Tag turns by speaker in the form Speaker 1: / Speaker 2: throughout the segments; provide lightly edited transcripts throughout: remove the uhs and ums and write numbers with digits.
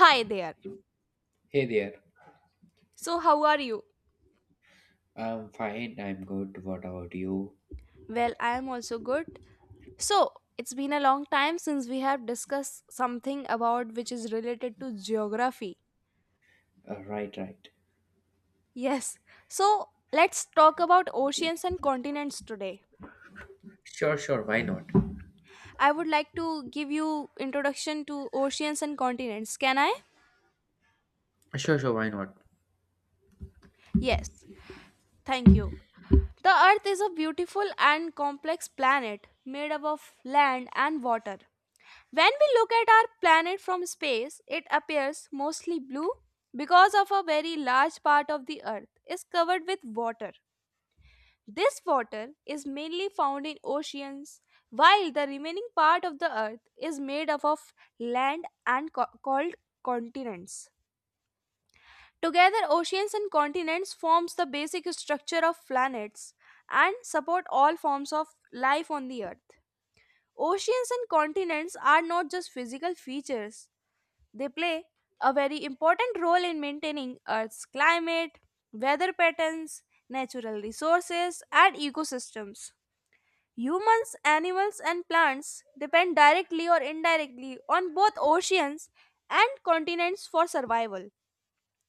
Speaker 1: Hi there.
Speaker 2: Hey there.
Speaker 1: So, how are you?
Speaker 2: I'm fine. I'm good. What about you?
Speaker 1: Well, I am also good. So, it's been a long time since we have discussed something about which is related to geography.
Speaker 2: Right, right.
Speaker 1: Yes. So, let's talk about oceans and continents today.
Speaker 2: Sure, sure, why not?
Speaker 1: I would like to give you introduction to oceans and continents. Can I?
Speaker 2: Sure, sure, why not?
Speaker 1: Yes. Thank you. The earth is a beautiful and complex planet made up of land and water. When we look at our planet from space, it appears mostly blue because of a very large part of the earth is covered with water. This water is mainly found in oceans, while the remaining part of the earth is made up of land and called continents. Together, oceans and continents forms the basic structure of planets and support all forms of life on the earth. Oceans and continents are not just physical features. They play a very important role in maintaining Earth's climate, weather patterns, natural resources, and ecosystems. Humans, animals, and plants depend directly or indirectly on both oceans and continents for survival.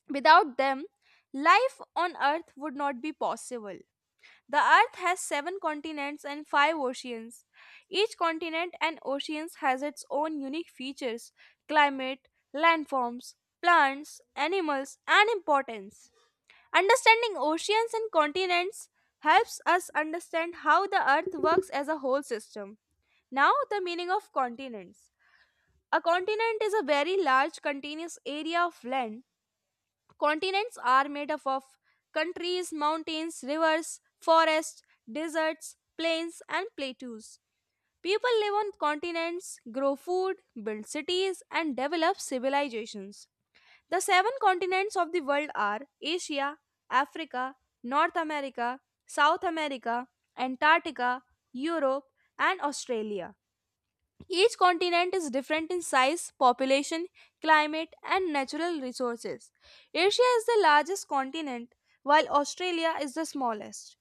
Speaker 1: Without them, life on Earth would not be possible. The Earth has seven continents and five oceans. Each continent and oceans has its own unique features, climate, landforms, plants, animals, and importance. Understanding oceans and continents helps us understand how the Earth works as a whole system. Now, the meaning of continents. A continent is a very large continuous area of land. Continents are made up of countries, mountains, rivers, forests, deserts, plains, and plateaus. People live on continents, grow food, build cities, and develop civilizations. The seven continents of the world are Asia, Africa, North America, South America, Antarctica, Europe, and Australia. Each continent is different in size, population, climate, and natural resources. Asia is the largest continent, while Australia is the smallest.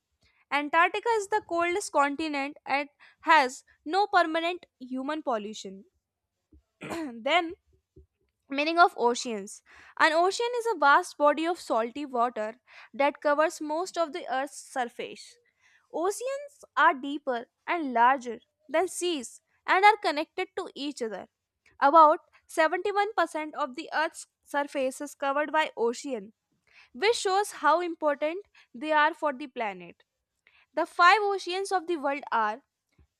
Speaker 1: Antarctica is the coldest continent and has no permanent human pollution. Then meaning of oceans. An ocean is a vast body of salty water that covers most of the Earth's surface. Oceans are deeper and larger than seas and are connected to each other. About 71% of the Earth's surface is covered by ocean, which shows how important they are for the planet. The five oceans of the world are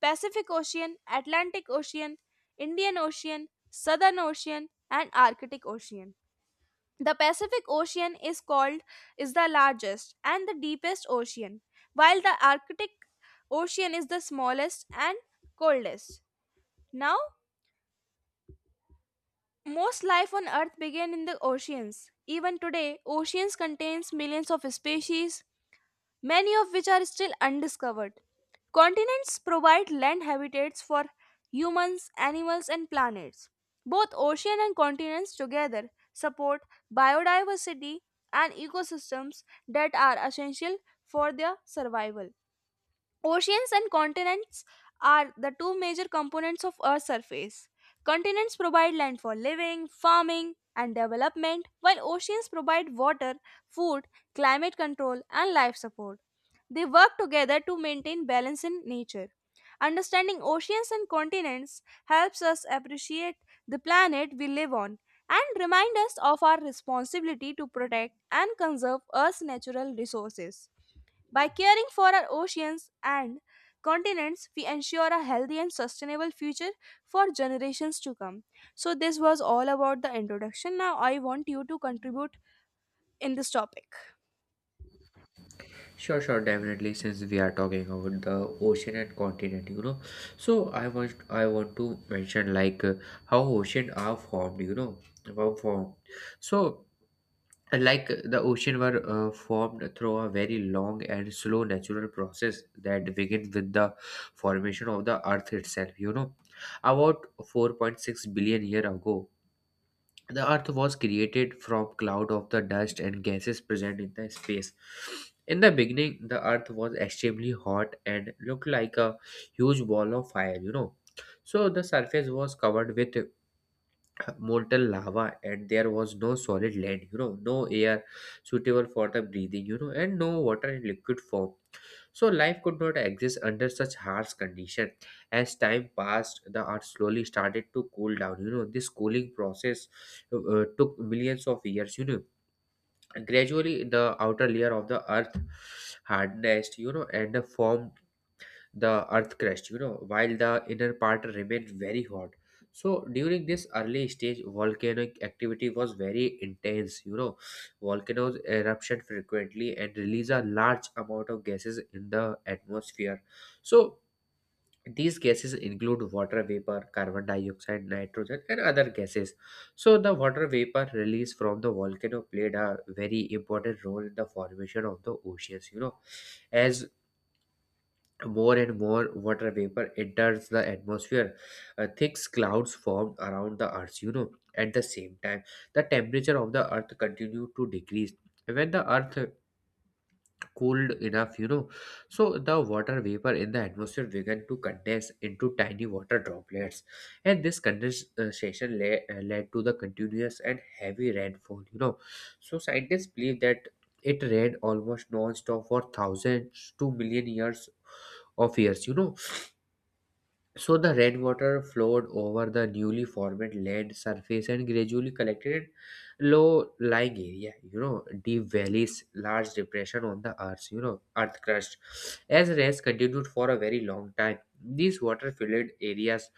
Speaker 1: Pacific Ocean, Atlantic Ocean, Indian Ocean, Southern Ocean, and Arctic Ocean. The Pacific Ocean is the largest and the deepest ocean, while the Arctic Ocean is the smallest and coldest. Now, most life on earth began in the oceans. Even today, oceans contains millions of species, many of which are still undiscovered. Continents provide land habitats for humans, animals, and planets. Both ocean and continents together support biodiversity and ecosystems that are essential for their survival. Oceans and continents are the two major components of Earth's surface. Continents provide land for living, farming, and development, while oceans provide water, food, climate control, and life support. They work together to maintain balance in nature. Understanding oceans and continents helps us appreciate the planet we live on and remind us of our responsibility to protect and conserve Earth's natural resources. By caring for our oceans and continents, we ensure a healthy and sustainable future for generations to come. So, this was all about the introduction. Now, I want you to contribute in this topic.
Speaker 2: Sure, sure, definitely. Since we are talking about the ocean and continent, so I want to mention, like, how ocean are formed, were formed. So the ocean were formed through a very long and slow natural process that began with the formation of the earth itself, you know, about 4.6 billion year ago. The Earth was created from cloud of the dust and gases present in the space. In the beginning, the Earth was extremely hot and looked like a huge ball of fire, you know. So the surface was covered with molten lava, and there was no solid land, you know, no air suitable for the breathing, you know, and no water in liquid form, so life could not exist under such harsh condition. As time passed, the earth slowly started to cool down, you know. This cooling process took millions of years, you know. Gradually, the outer layer of the earth hardened, you know, and formed the earth crust, you know, while the inner part remained very hot. So during this early stage, volcanic activity was very intense, you know. Volcanoes eruption frequently and release a large amount of gases in the atmosphere. So these gases include water vapor, carbon dioxide, nitrogen and other gases. So the water vapor released from the volcano played a very important role in the formation of the oceans, you know. As more and more water vapor enters the atmosphere, thick clouds formed around the earth, you know. At the same time, the temperature of the earth continued to decrease. When the earth cooled enough, you know, so the water vapor in the atmosphere began to condense into tiny water droplets. And this condensation led to the continuous and heavy rainfall, you know. So scientists believe that it rained almost non-stop for thousands to million years of years, you know. So the red water flowed over the newly formed land surface and gradually collected in low-lying area. You know, deep valleys, large depression on the earth. You know, earth crust. As rains continued for a very long time, these water-filled areas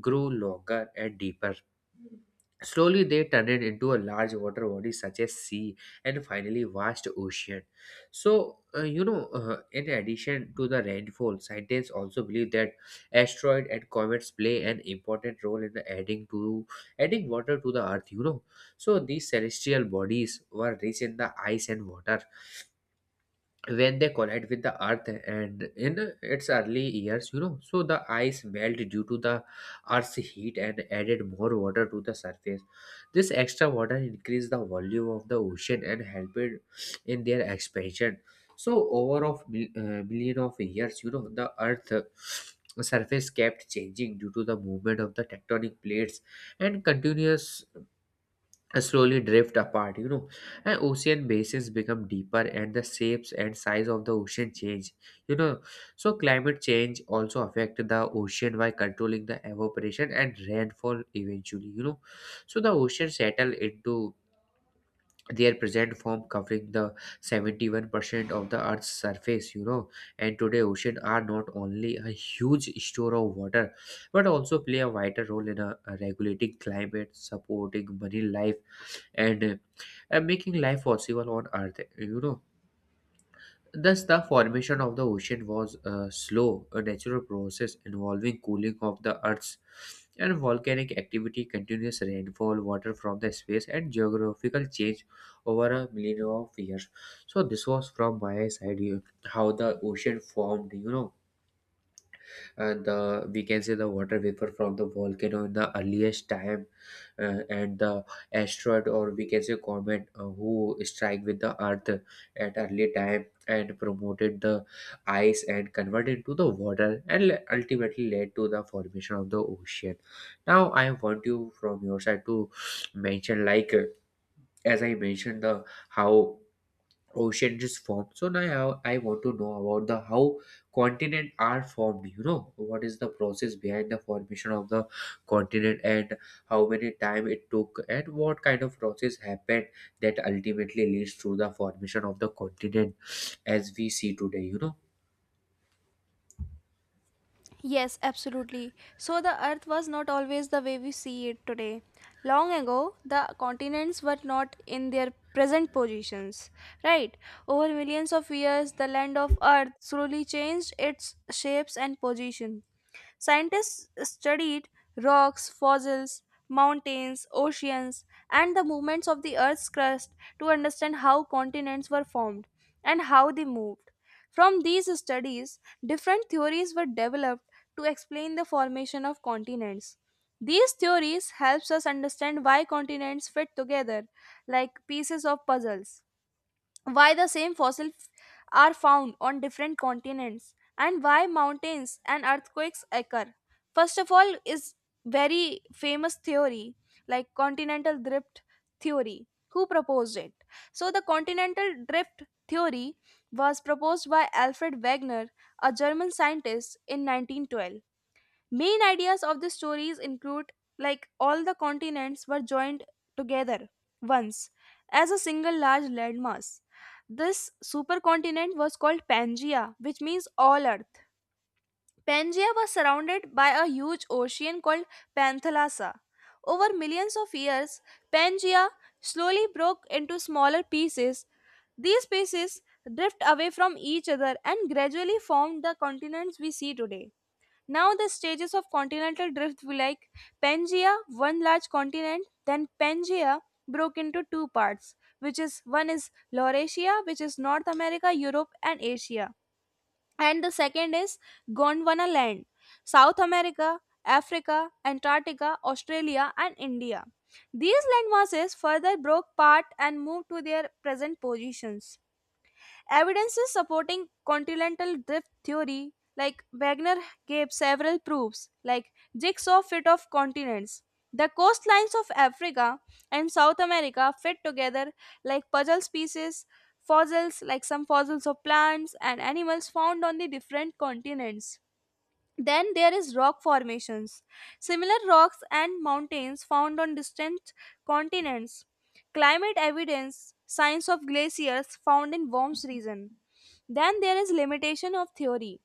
Speaker 2: grew longer and deeper. Slowly, they turned into a large water body such as sea and finally vast ocean. So, in addition to the rainfall, scientists also believe that asteroid and comets play an important role in adding water to the Earth. You know, so these celestial bodies were rich in the ice and water. When they collide with the earth and in its early years, you know, so the ice melt due to the earth's heat and added more water to the surface. This extra water increased the volume of the ocean and helped it in their expansion. So over of million of years, you know, the earth surface kept changing due to the movement of the tectonic plates, and continuous and slowly drift apart, you know. And ocean basins become deeper, and the shapes and size of the ocean change, you know. So climate change also affect the ocean by controlling the evaporation and rainfall eventually, you know. So the ocean settle into their present form covering the 71% of the earth's surface, you know. And today, ocean are not only a huge store of water, but also play a vital role in regulating climate, supporting marine life, and uh, and making life possible on earth, you know. Thus the formation of the ocean was a slow a natural process involving cooling of the earth's and volcanic activity, continuous rainfall, water from the space, and geographical change over a millennium of years. So this was from my side, you- how the ocean formed, you know. And the we can say the water vapor from the volcano in the earliest time, and the asteroid, or we can say comet, who strike with the earth at early time and promoted the ice and converted into the water and ultimately led to the formation of the ocean. Now I want you from your side to mention, like, as I mentioned the how ocean is formed, so now I want to know about the how continent are formed, you know. What is the process behind the formation of the continent, and how many time it took, and what kind of process happened that ultimately leads to the formation of the continent as we see today, you know.
Speaker 1: Yes, absolutely. So, the earth was not always the way we see it today. Long ago, the continents were not in their present positions, right? Over millions of years, the land of earth slowly changed its shapes and position. Scientists studied rocks, fossils, mountains, oceans, and the movements of the Earth's crust to understand how continents were formed and how they moved. From these studies, different theories were developed to explain the formation of continents. These theories helps us understand why continents fit together like pieces of puzzles, why the same fossils are found on different continents, and why mountains and earthquakes occur. First of all is very famous theory like continental drift theory. Who proposed it? So the continental drift theory was proposed by Alfred Wegener, a German scientist, in 1912. Main ideas of the stories include like all the continents were joined together once as a single large landmass. This supercontinent was called Pangaea, which means all earth. Pangaea was surrounded by a huge ocean called Panthalassa. Over millions of years, Pangaea slowly broke into smaller pieces. These pieces drift away from each other and gradually formed the continents we see today. Now the stages of continental drift were like Pangaea, one large continent, then Pangaea broke into two parts, which is one is Laurasia, which is North America, Europe and Asia. And the second is Gondwana land, South America, Africa, Antarctica, Australia and India. These land masses further broke apart and moved to their present positions. Evidences supporting continental drift theory, like Wagner gave several proofs, like jigsaw fit of continents. The coastlines of Africa and South America fit together like puzzle pieces. Fossils, like some fossils of plants and animals found on the different continents. Then there is rock formations. Similar rocks and mountains found on distant continents. Climate evidence, signs of glaciers found in warm region. Then there is limitation of theory.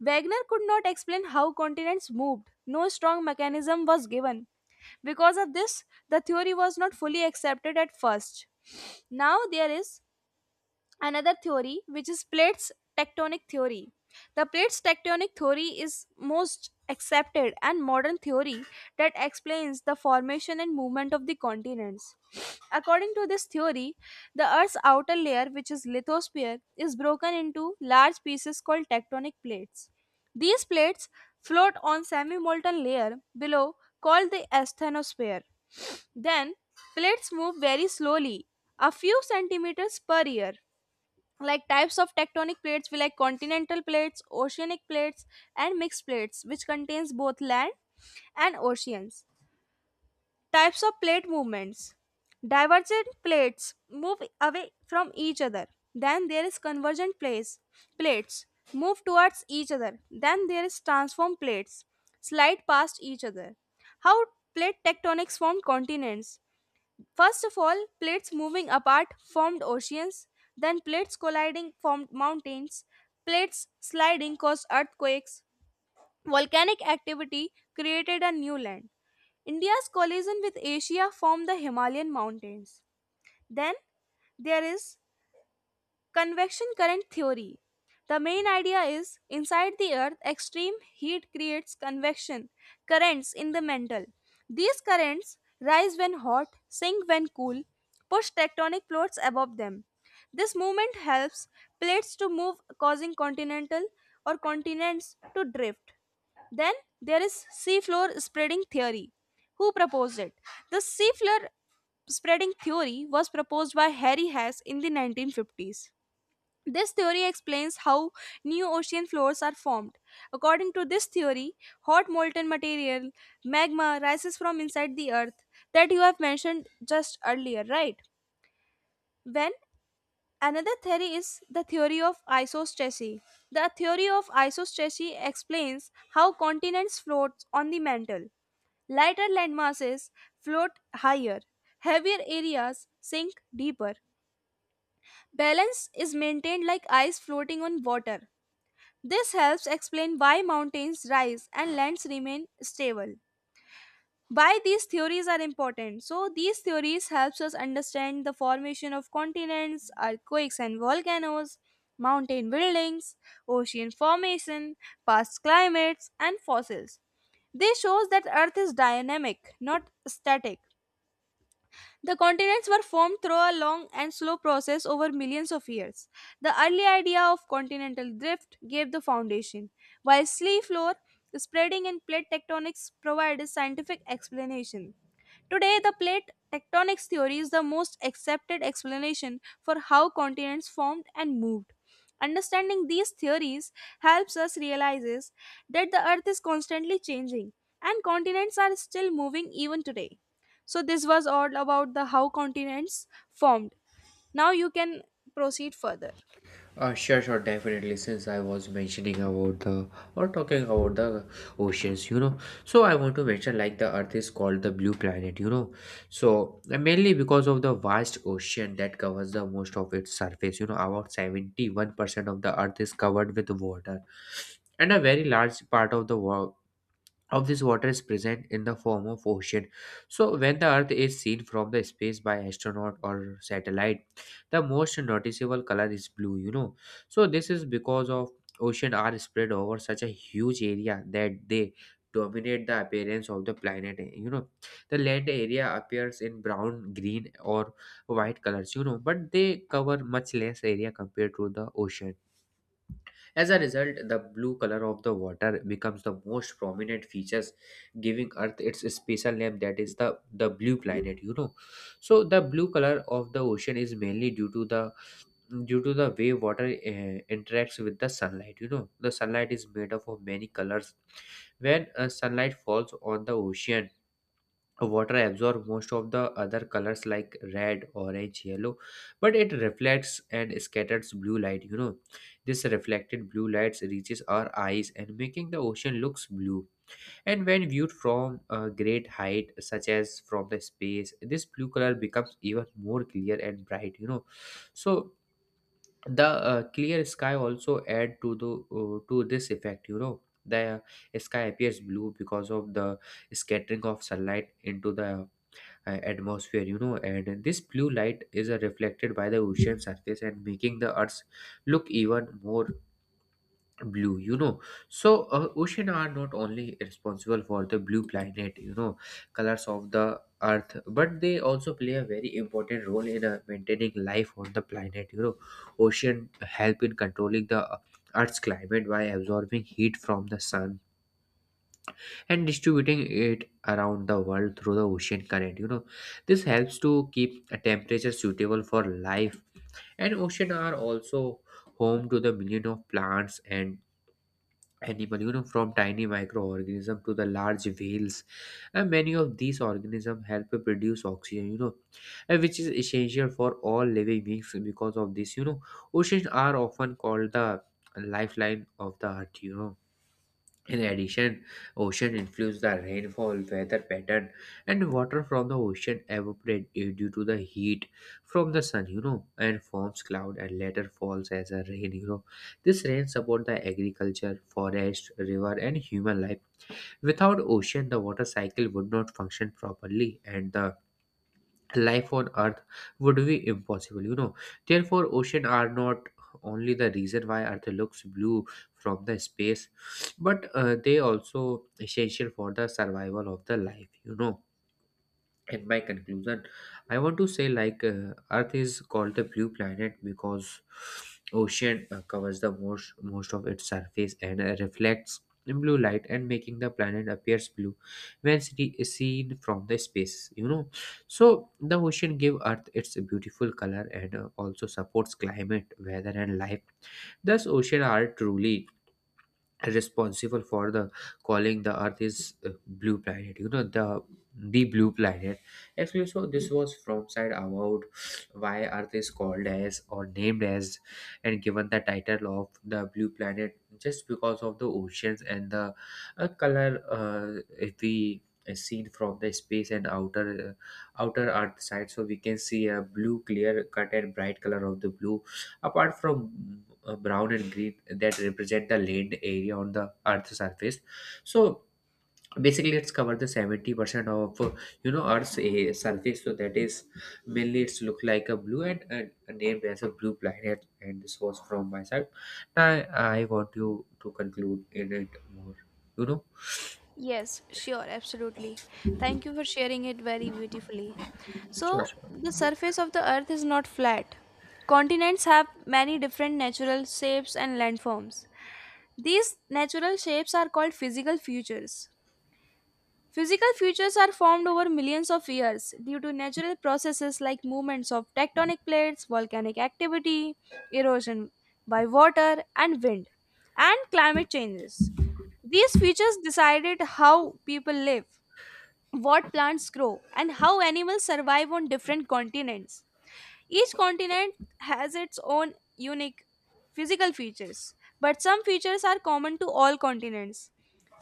Speaker 1: Wagner could not explain how continents moved. No strong mechanism was given. Because of this, the theory was not fully accepted at first. Now there is another theory which is plates tectonic theory. The plates tectonic theory is most accepted and modern theory that explains the formation and movement of the continents. According to this theory, the earth's outer layer, which is lithosphere, is broken into large pieces called tectonic plates. These plates float on semi-molten layer below called the asthenosphere. Then plates move very slowly, a few centimeters per year. Like types of tectonic plates, we like continental plates, oceanic plates, and mixed plates which contains both land and oceans. Types of plate movements: divergent plates move away from each other, then there is convergent plates, plates move towards each other, then there is transform plates, slide past each other. How plate tectonics form continents. First of all, plates moving apart formed oceans, then plates colliding formed mountains, plates sliding caused earthquakes. Volcanic activity created a new land. India's collision with Asia formed the Himalayan mountains. Then there is convection current theory. The main idea is inside the earth, extreme heat creates convection currents in the mantle. These currents rise when hot, sink when cool, push tectonic plates above them. This movement helps plates to move, causing continental or continents to drift. Then there is seafloor spreading theory. Who proposed it? The seafloor spreading theory was proposed by Harry Hess in the 1950s. This theory explains how new ocean floors are formed. According to this theory, hot molten material, magma, rises from inside the earth that you have mentioned just earlier, right? When another theory is the theory of isostasy. The theory of isostasy explains how continents float on the mantle. Lighter landmasses float higher, heavier areas sink deeper. Balance is maintained like ice floating on water. This helps explain why mountains rise and lands remain stable. Why these theories are important. So these theories helps us understand the formation of continents, earthquakes and volcanoes, mountain buildings, ocean formation, past climates and fossils. This shows that earth is dynamic, not static. The continents were formed through a long and slow process over millions of years. The early idea of continental drift gave the foundation, while sea floor spreading and plate tectonics provide a scientific explanation. Today, the plate tectonics theory is the most accepted explanation for how continents formed and moved. Understanding these theories helps us realize that the earth is constantly changing and continents are still moving even today. So this was all about the how continents formed. Now you can proceed further.
Speaker 2: Sure, sure, definitely. Since I was mentioning about the or talking about the oceans, you know, so I want to mention, like, the Earth is called the blue planet, you know, so mainly because of the vast ocean that covers the most of its surface, you know, about 71% of the Earth is covered with water, and a very large part of the world of this water is present in the form of ocean. So when the earth is seen from the space by astronaut or satellite, the most noticeable color is blue, you know. So this is because of ocean are spread over such a huge area that they dominate the appearance of the planet, you know. The land area appears in brown, green or white colors, you know, but they cover much less area compared to the ocean. As a result, the blue color of the water becomes the most prominent features, giving Earth its special name, that is the blue planet, you know. So the blue color of the ocean is mainly due to the way water interacts with the sunlight, you know. The sunlight is made up of many colors. When sunlight falls on the ocean, water absorbs most of the other colors like red, orange, yellow, but it reflects and scatters blue light, you know. This reflected blue lights reaches our eyes and making the ocean looks blue. And when viewed from a great height such as from the space, this blue color becomes even more clear and bright, you know. So the clear sky also add to the to this effect, you know. The sky appears blue because of the scattering of sunlight into the atmosphere, you know, and this blue light is reflected by the ocean surface and making the earth look even more blue, you know. So ocean are not only responsible for the blue planet, you know, colors of the earth, but they also play a very important role in maintaining life on the planet, you know. Ocean help in controlling the earth's climate by absorbing heat from the sun and distributing it around the world through the ocean current, you know. This helps to keep a temperature suitable for life. And ocean are also home to the million of plants and animal, you know, from tiny microorganism to the large whales, and many of these organisms help to produce oxygen, you know, and which is essential for all living beings. Because of this, you know, oceans are often called the lifeline of the earth, you know. In addition, ocean influence the rainfall, weather pattern, and water from the ocean evaporate due to the heat from the sun, you know, and forms cloud and later falls as a rain, you know. This rain support the agriculture, forest, river, and human life. Without ocean, the water cycle would not function properly, and the life on earth would be impossible. Therefore, ocean are not only the reason why earth looks blue from the space, but they also essential for the survival of the life. In my conclusion, I want to say like earth is called the blue planet because ocean covers the most of its surface and reflects blue light and making the planet appears blue when seen from the space. So the ocean give earth its beautiful color and also supports climate, weather, and life. Thus, ocean are truly responsible for the calling the earth is blue planet, the blue planet actually. So this was from side about why earth is called as or named as and given the title of the blue planet just because of the oceans and the color. If we seen from the space and outer earth side, so we can see a blue clear cut and bright color of the blue apart from brown and green that represent the land area on the earth's surface. So basically it's covered the 70% of earth's surface, so that is mainly it's look like a blue, and named as a blue planet, and this was from my side. Now I want you to conclude in it more you know
Speaker 1: Yes, sure, absolutely. Thank you for sharing it very beautifully.
Speaker 2: Sure,
Speaker 1: So,
Speaker 2: sure.
Speaker 1: the surface of the earth is not flat. Continents have many different natural shapes and landforms. These natural shapes are called physical features. Physical features are formed over millions of years due to natural processes like movements of tectonic plates, volcanic activity, erosion by water and wind, and climate changes. These features decided how people live, what plants grow, and how animals survive on different continents. Each continent has its own unique physical features, but some features are common to all continents.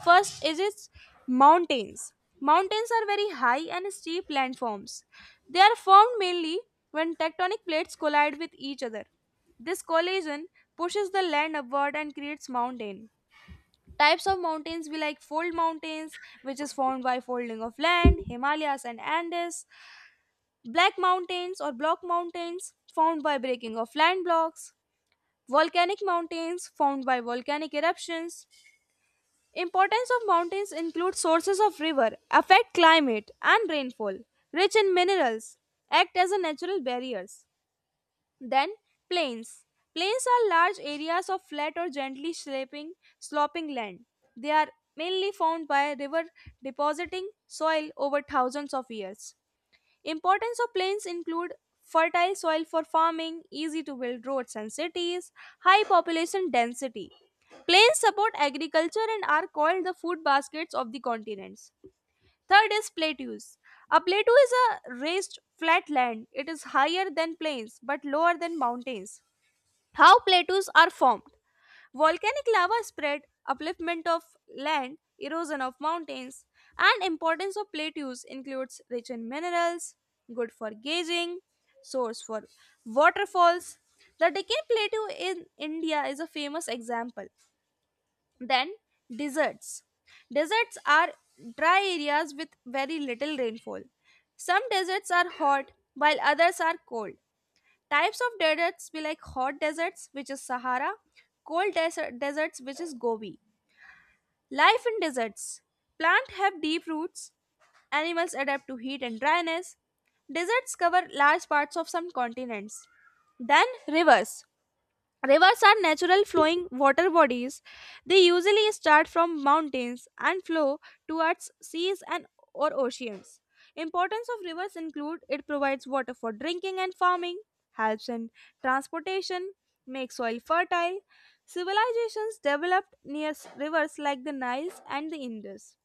Speaker 1: First is its mountains. Mountains are very high and steep landforms. They are formed mainly when tectonic plates collide with each other. This collision pushes the land upward and creates mountain. Types of mountains we like fold mountains, which is formed by folding of land, Himalayas and Andes, black mountains or block mountains formed by breaking of land blocks. Volcanic mountains formed by volcanic eruptions. Importance of mountains include sources of river, affect climate and rainfall, rich in minerals, act as a natural barriers. Then plains. Plains are large areas of flat or gently sloping land. They are mainly formed by river depositing soil over thousands of years. Importance of plains include fertile soil for farming, easy to build roads and cities, high population density. Plains support agriculture and are called the food baskets of the continents. Third is plateaus. A plateau is a raised flat land. It is higher than plains but lower than mountains. How plateaus are formed? Volcanic lava spread, upliftment of land, erosion of mountains, and importance of plateaus includes rich in minerals, good for gauging, source for waterfalls. The Deccan Plateau in India is a famous example. Then deserts. Deserts are dry areas with very little rainfall. Some deserts are hot while others are cold. Types of deserts be like hot deserts, which is Sahara, cold desert deserts, which is Gobi. Life in deserts. Plants have deep roots. Animals adapt to heat and dryness. Deserts cover large parts of some continents. Then rivers. Rivers are natural flowing water bodies. They usually start from mountains and flow towards seas and or oceans. Importance of rivers include it provides water for drinking and farming, helps in transportation, makes soil fertile. Civilizations developed near rivers like the Nile and the Indus.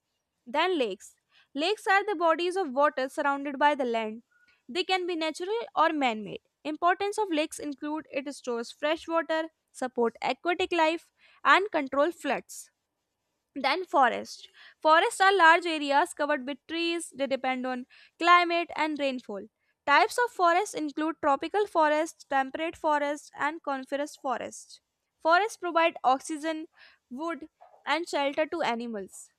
Speaker 1: Then lakes. Lakes are the bodies of water surrounded by the land. They can be natural or man-made. Importance of lakes include it stores fresh water, support aquatic life, and control floods. Then forest. Forests are large areas covered with trees. They depend on climate and rainfall. Types of forests include tropical forests, temperate forests, and coniferous forests. Forests provide oxygen, wood, and shelter to animals.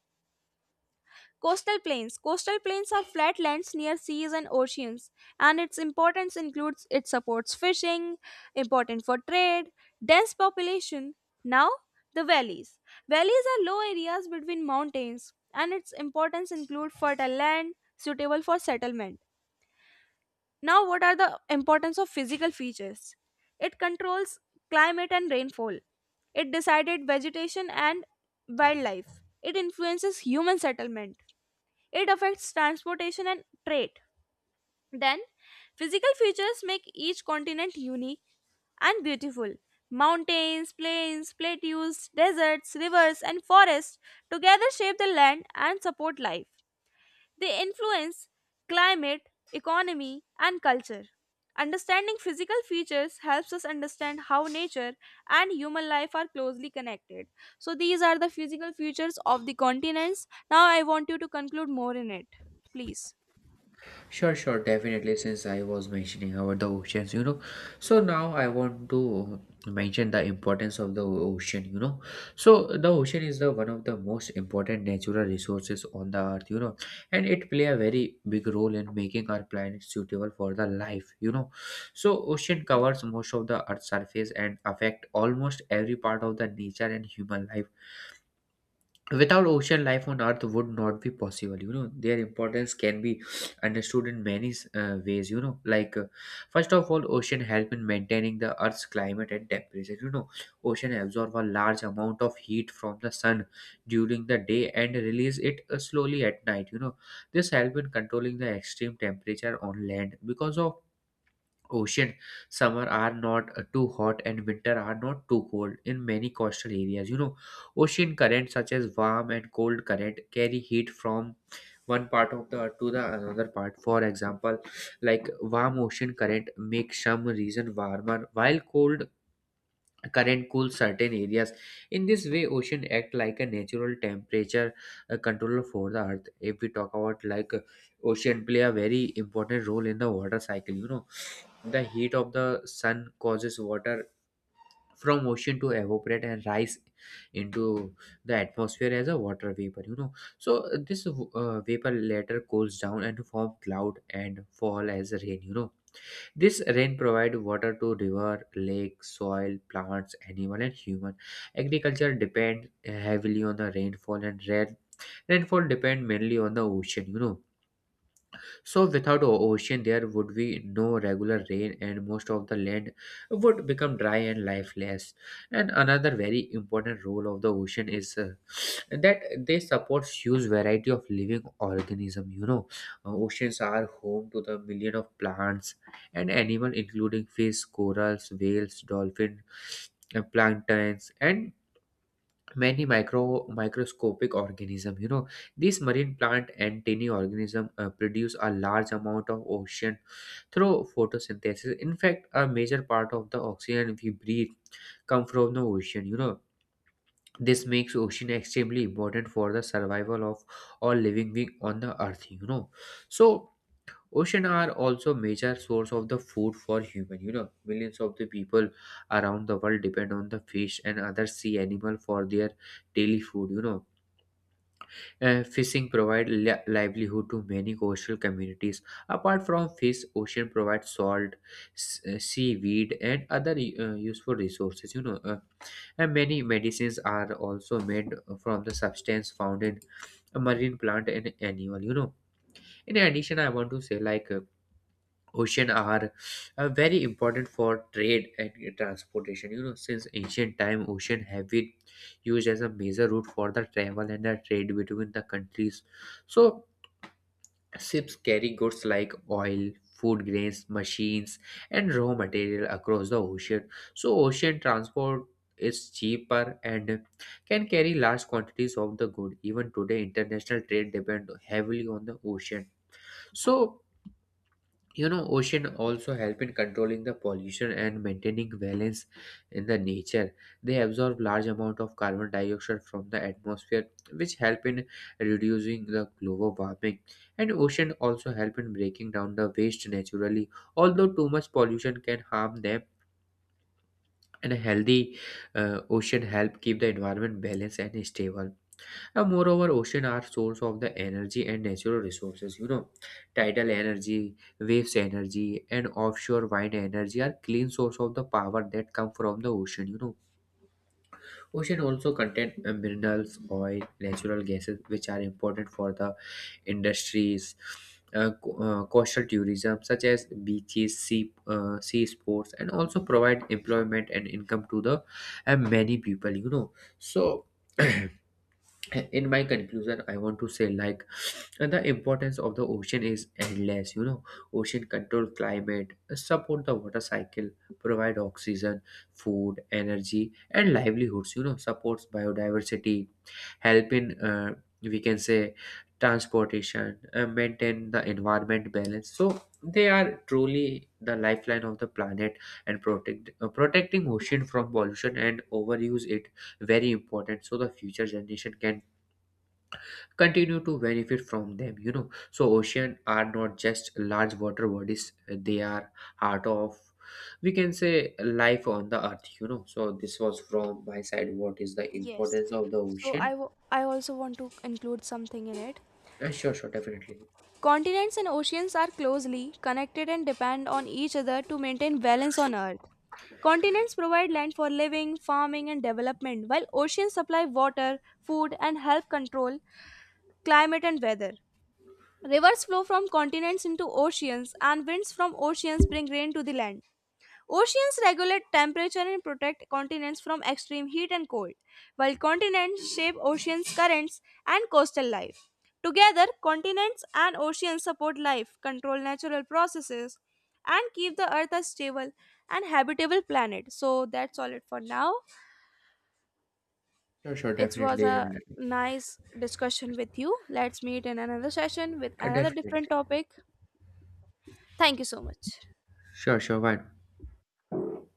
Speaker 1: Coastal plains. Coastal plains are flat lands near seas and oceans, and its importance includes it supports fishing, important for trade, dense population. Now, the valleys. Valleys are low areas between mountains, and its importance include fertile land suitable for settlement. Now, what are the importance of physical features? It controls climate and rainfall. It decided vegetation and wildlife. It influences human settlement, it affects transportation and trade. Then, physical features make each continent unique and beautiful. Mountains, plains, plateaus, deserts, rivers, and forests together shape the land and support life. They influence climate, economy, and culture. Understanding physical features helps us understand how nature and human life are closely connected. So, these are the physical features of the continents. Now, I want you to conclude more in it, please.
Speaker 2: Sure, sure, definitely. Since I was mentioning about the oceans, so now I want to mention the importance of the ocean. So the ocean is the one of the most important natural resources on the earth, and it play a very big role in making our planet suitable for the life. So ocean covers most of the earth's surface and affect almost every part of the nature and human life without ocean life on earth would not be possible. Their importance can be understood in many ways, like first of all, ocean help in maintaining the earth's climate and temperature. Ocean absorb a large amount of heat from the sun during the day and release it slowly at night. This help in controlling the extreme temperature on land. Because of ocean, summer are not too hot and winter are not too cold in many coastal areas. Ocean currents such as warm and cold current carry heat from one part of the earth to the another part. For example, like warm ocean current makes some region warmer while cold current cools certain areas. In this way, ocean act like a natural temperature controller for the earth. If we talk about like ocean play a very important role in the water cycle. The heat of the sun causes water from ocean to evaporate and rise into the atmosphere as a water vapor. So this vapor later cools down and form cloud and fall as rain. This rain provide water to river, lake, soil, plants, animal, and human. Agriculture depend heavily on the rainfall, and rare rainfall depend mainly on the ocean. So without ocean, there would be no regular rain, and most of the land would become dry and lifeless. And another very important role of the ocean is that they support huge variety of living organism. Oceans are home to the million of plants and animal, including fish, corals, whales, dolphin, planktons, and many microscopic organism. These marine plant and tiny organism produce a large amount of oxygen through photosynthesis. In fact, a major part of the oxygen we breathe come from the ocean. This makes ocean extremely important for the survival of all living being on the earth. So ocean are also major source of the food for human. Millions of the people around the world depend on the fish and other sea animal for their daily food. Fishing provide livelihood to many coastal communities. Apart from fish, ocean provides salt, seaweed, and other useful resources. And many medicines are also made from the substance found in marine plant and animal. In addition, I want to say like, ocean are very important for trade and transportation. Since ancient time, ocean have been used as a major route for the travel and the trade between the countries. So ships carry goods like oil, food grains, machines, and raw material across the ocean. So ocean transport is cheaper and can carry large quantities of the good. Even today, international trade depend heavily on the ocean. So ocean also help in controlling the pollution and maintaining balance in the nature. They absorb large amount of carbon dioxide from the atmosphere, which help in reducing the global warming. And ocean also help in breaking down the waste naturally, although too much pollution can harm them. And a healthy ocean help keep the environment balanced and stable. And moreover, ocean are source of the energy and natural resources. Tidal energy, waves energy, and offshore wind energy are clean source of the power that come from the ocean. Ocean also contain minerals, oil, natural gases, which are important for the industries. Coastal tourism such as beaches, sea sports, and also provide employment and income to the many people. So in my conclusion, I want to say like the importance of the ocean is endless. Ocean control climate, support the water cycle, provide oxygen, food, energy, and livelihoods, supports biodiversity, help in we can say transportation, maintain the environment balance. So they are truly the lifeline of the planet. And protecting ocean from pollution and overuse it very important, so the future generation can continue to benefit from them. So ocean are not just large water bodies, they are heart of, we can say, life on the earth. So this was from my side what is the
Speaker 1: Yes.
Speaker 2: importance of the
Speaker 1: So
Speaker 2: ocean.
Speaker 1: I also want to include something in it.
Speaker 2: Sure, sure, definitely.
Speaker 1: Continents and oceans are closely connected and depend on each other to maintain balance on Earth. Continents provide land for living, farming, and development, while oceans supply water, food, and help control climate and weather. Rivers flow from continents into oceans, and winds from oceans bring rain to the land. Oceans regulate temperature and protect continents from extreme heat and cold, while continents shape oceans' currents and coastal life. Together, continents and oceans support life, control natural processes, and keep the earth a stable and habitable planet. So that's all it for now.
Speaker 2: Sure, sure,
Speaker 1: It was
Speaker 2: definitely.
Speaker 1: a nice discussion with you. Let's meet in another session with another
Speaker 2: Definitely.
Speaker 1: different topic. Thank you so much.
Speaker 2: Sure, sure, fine.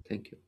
Speaker 2: Thank you.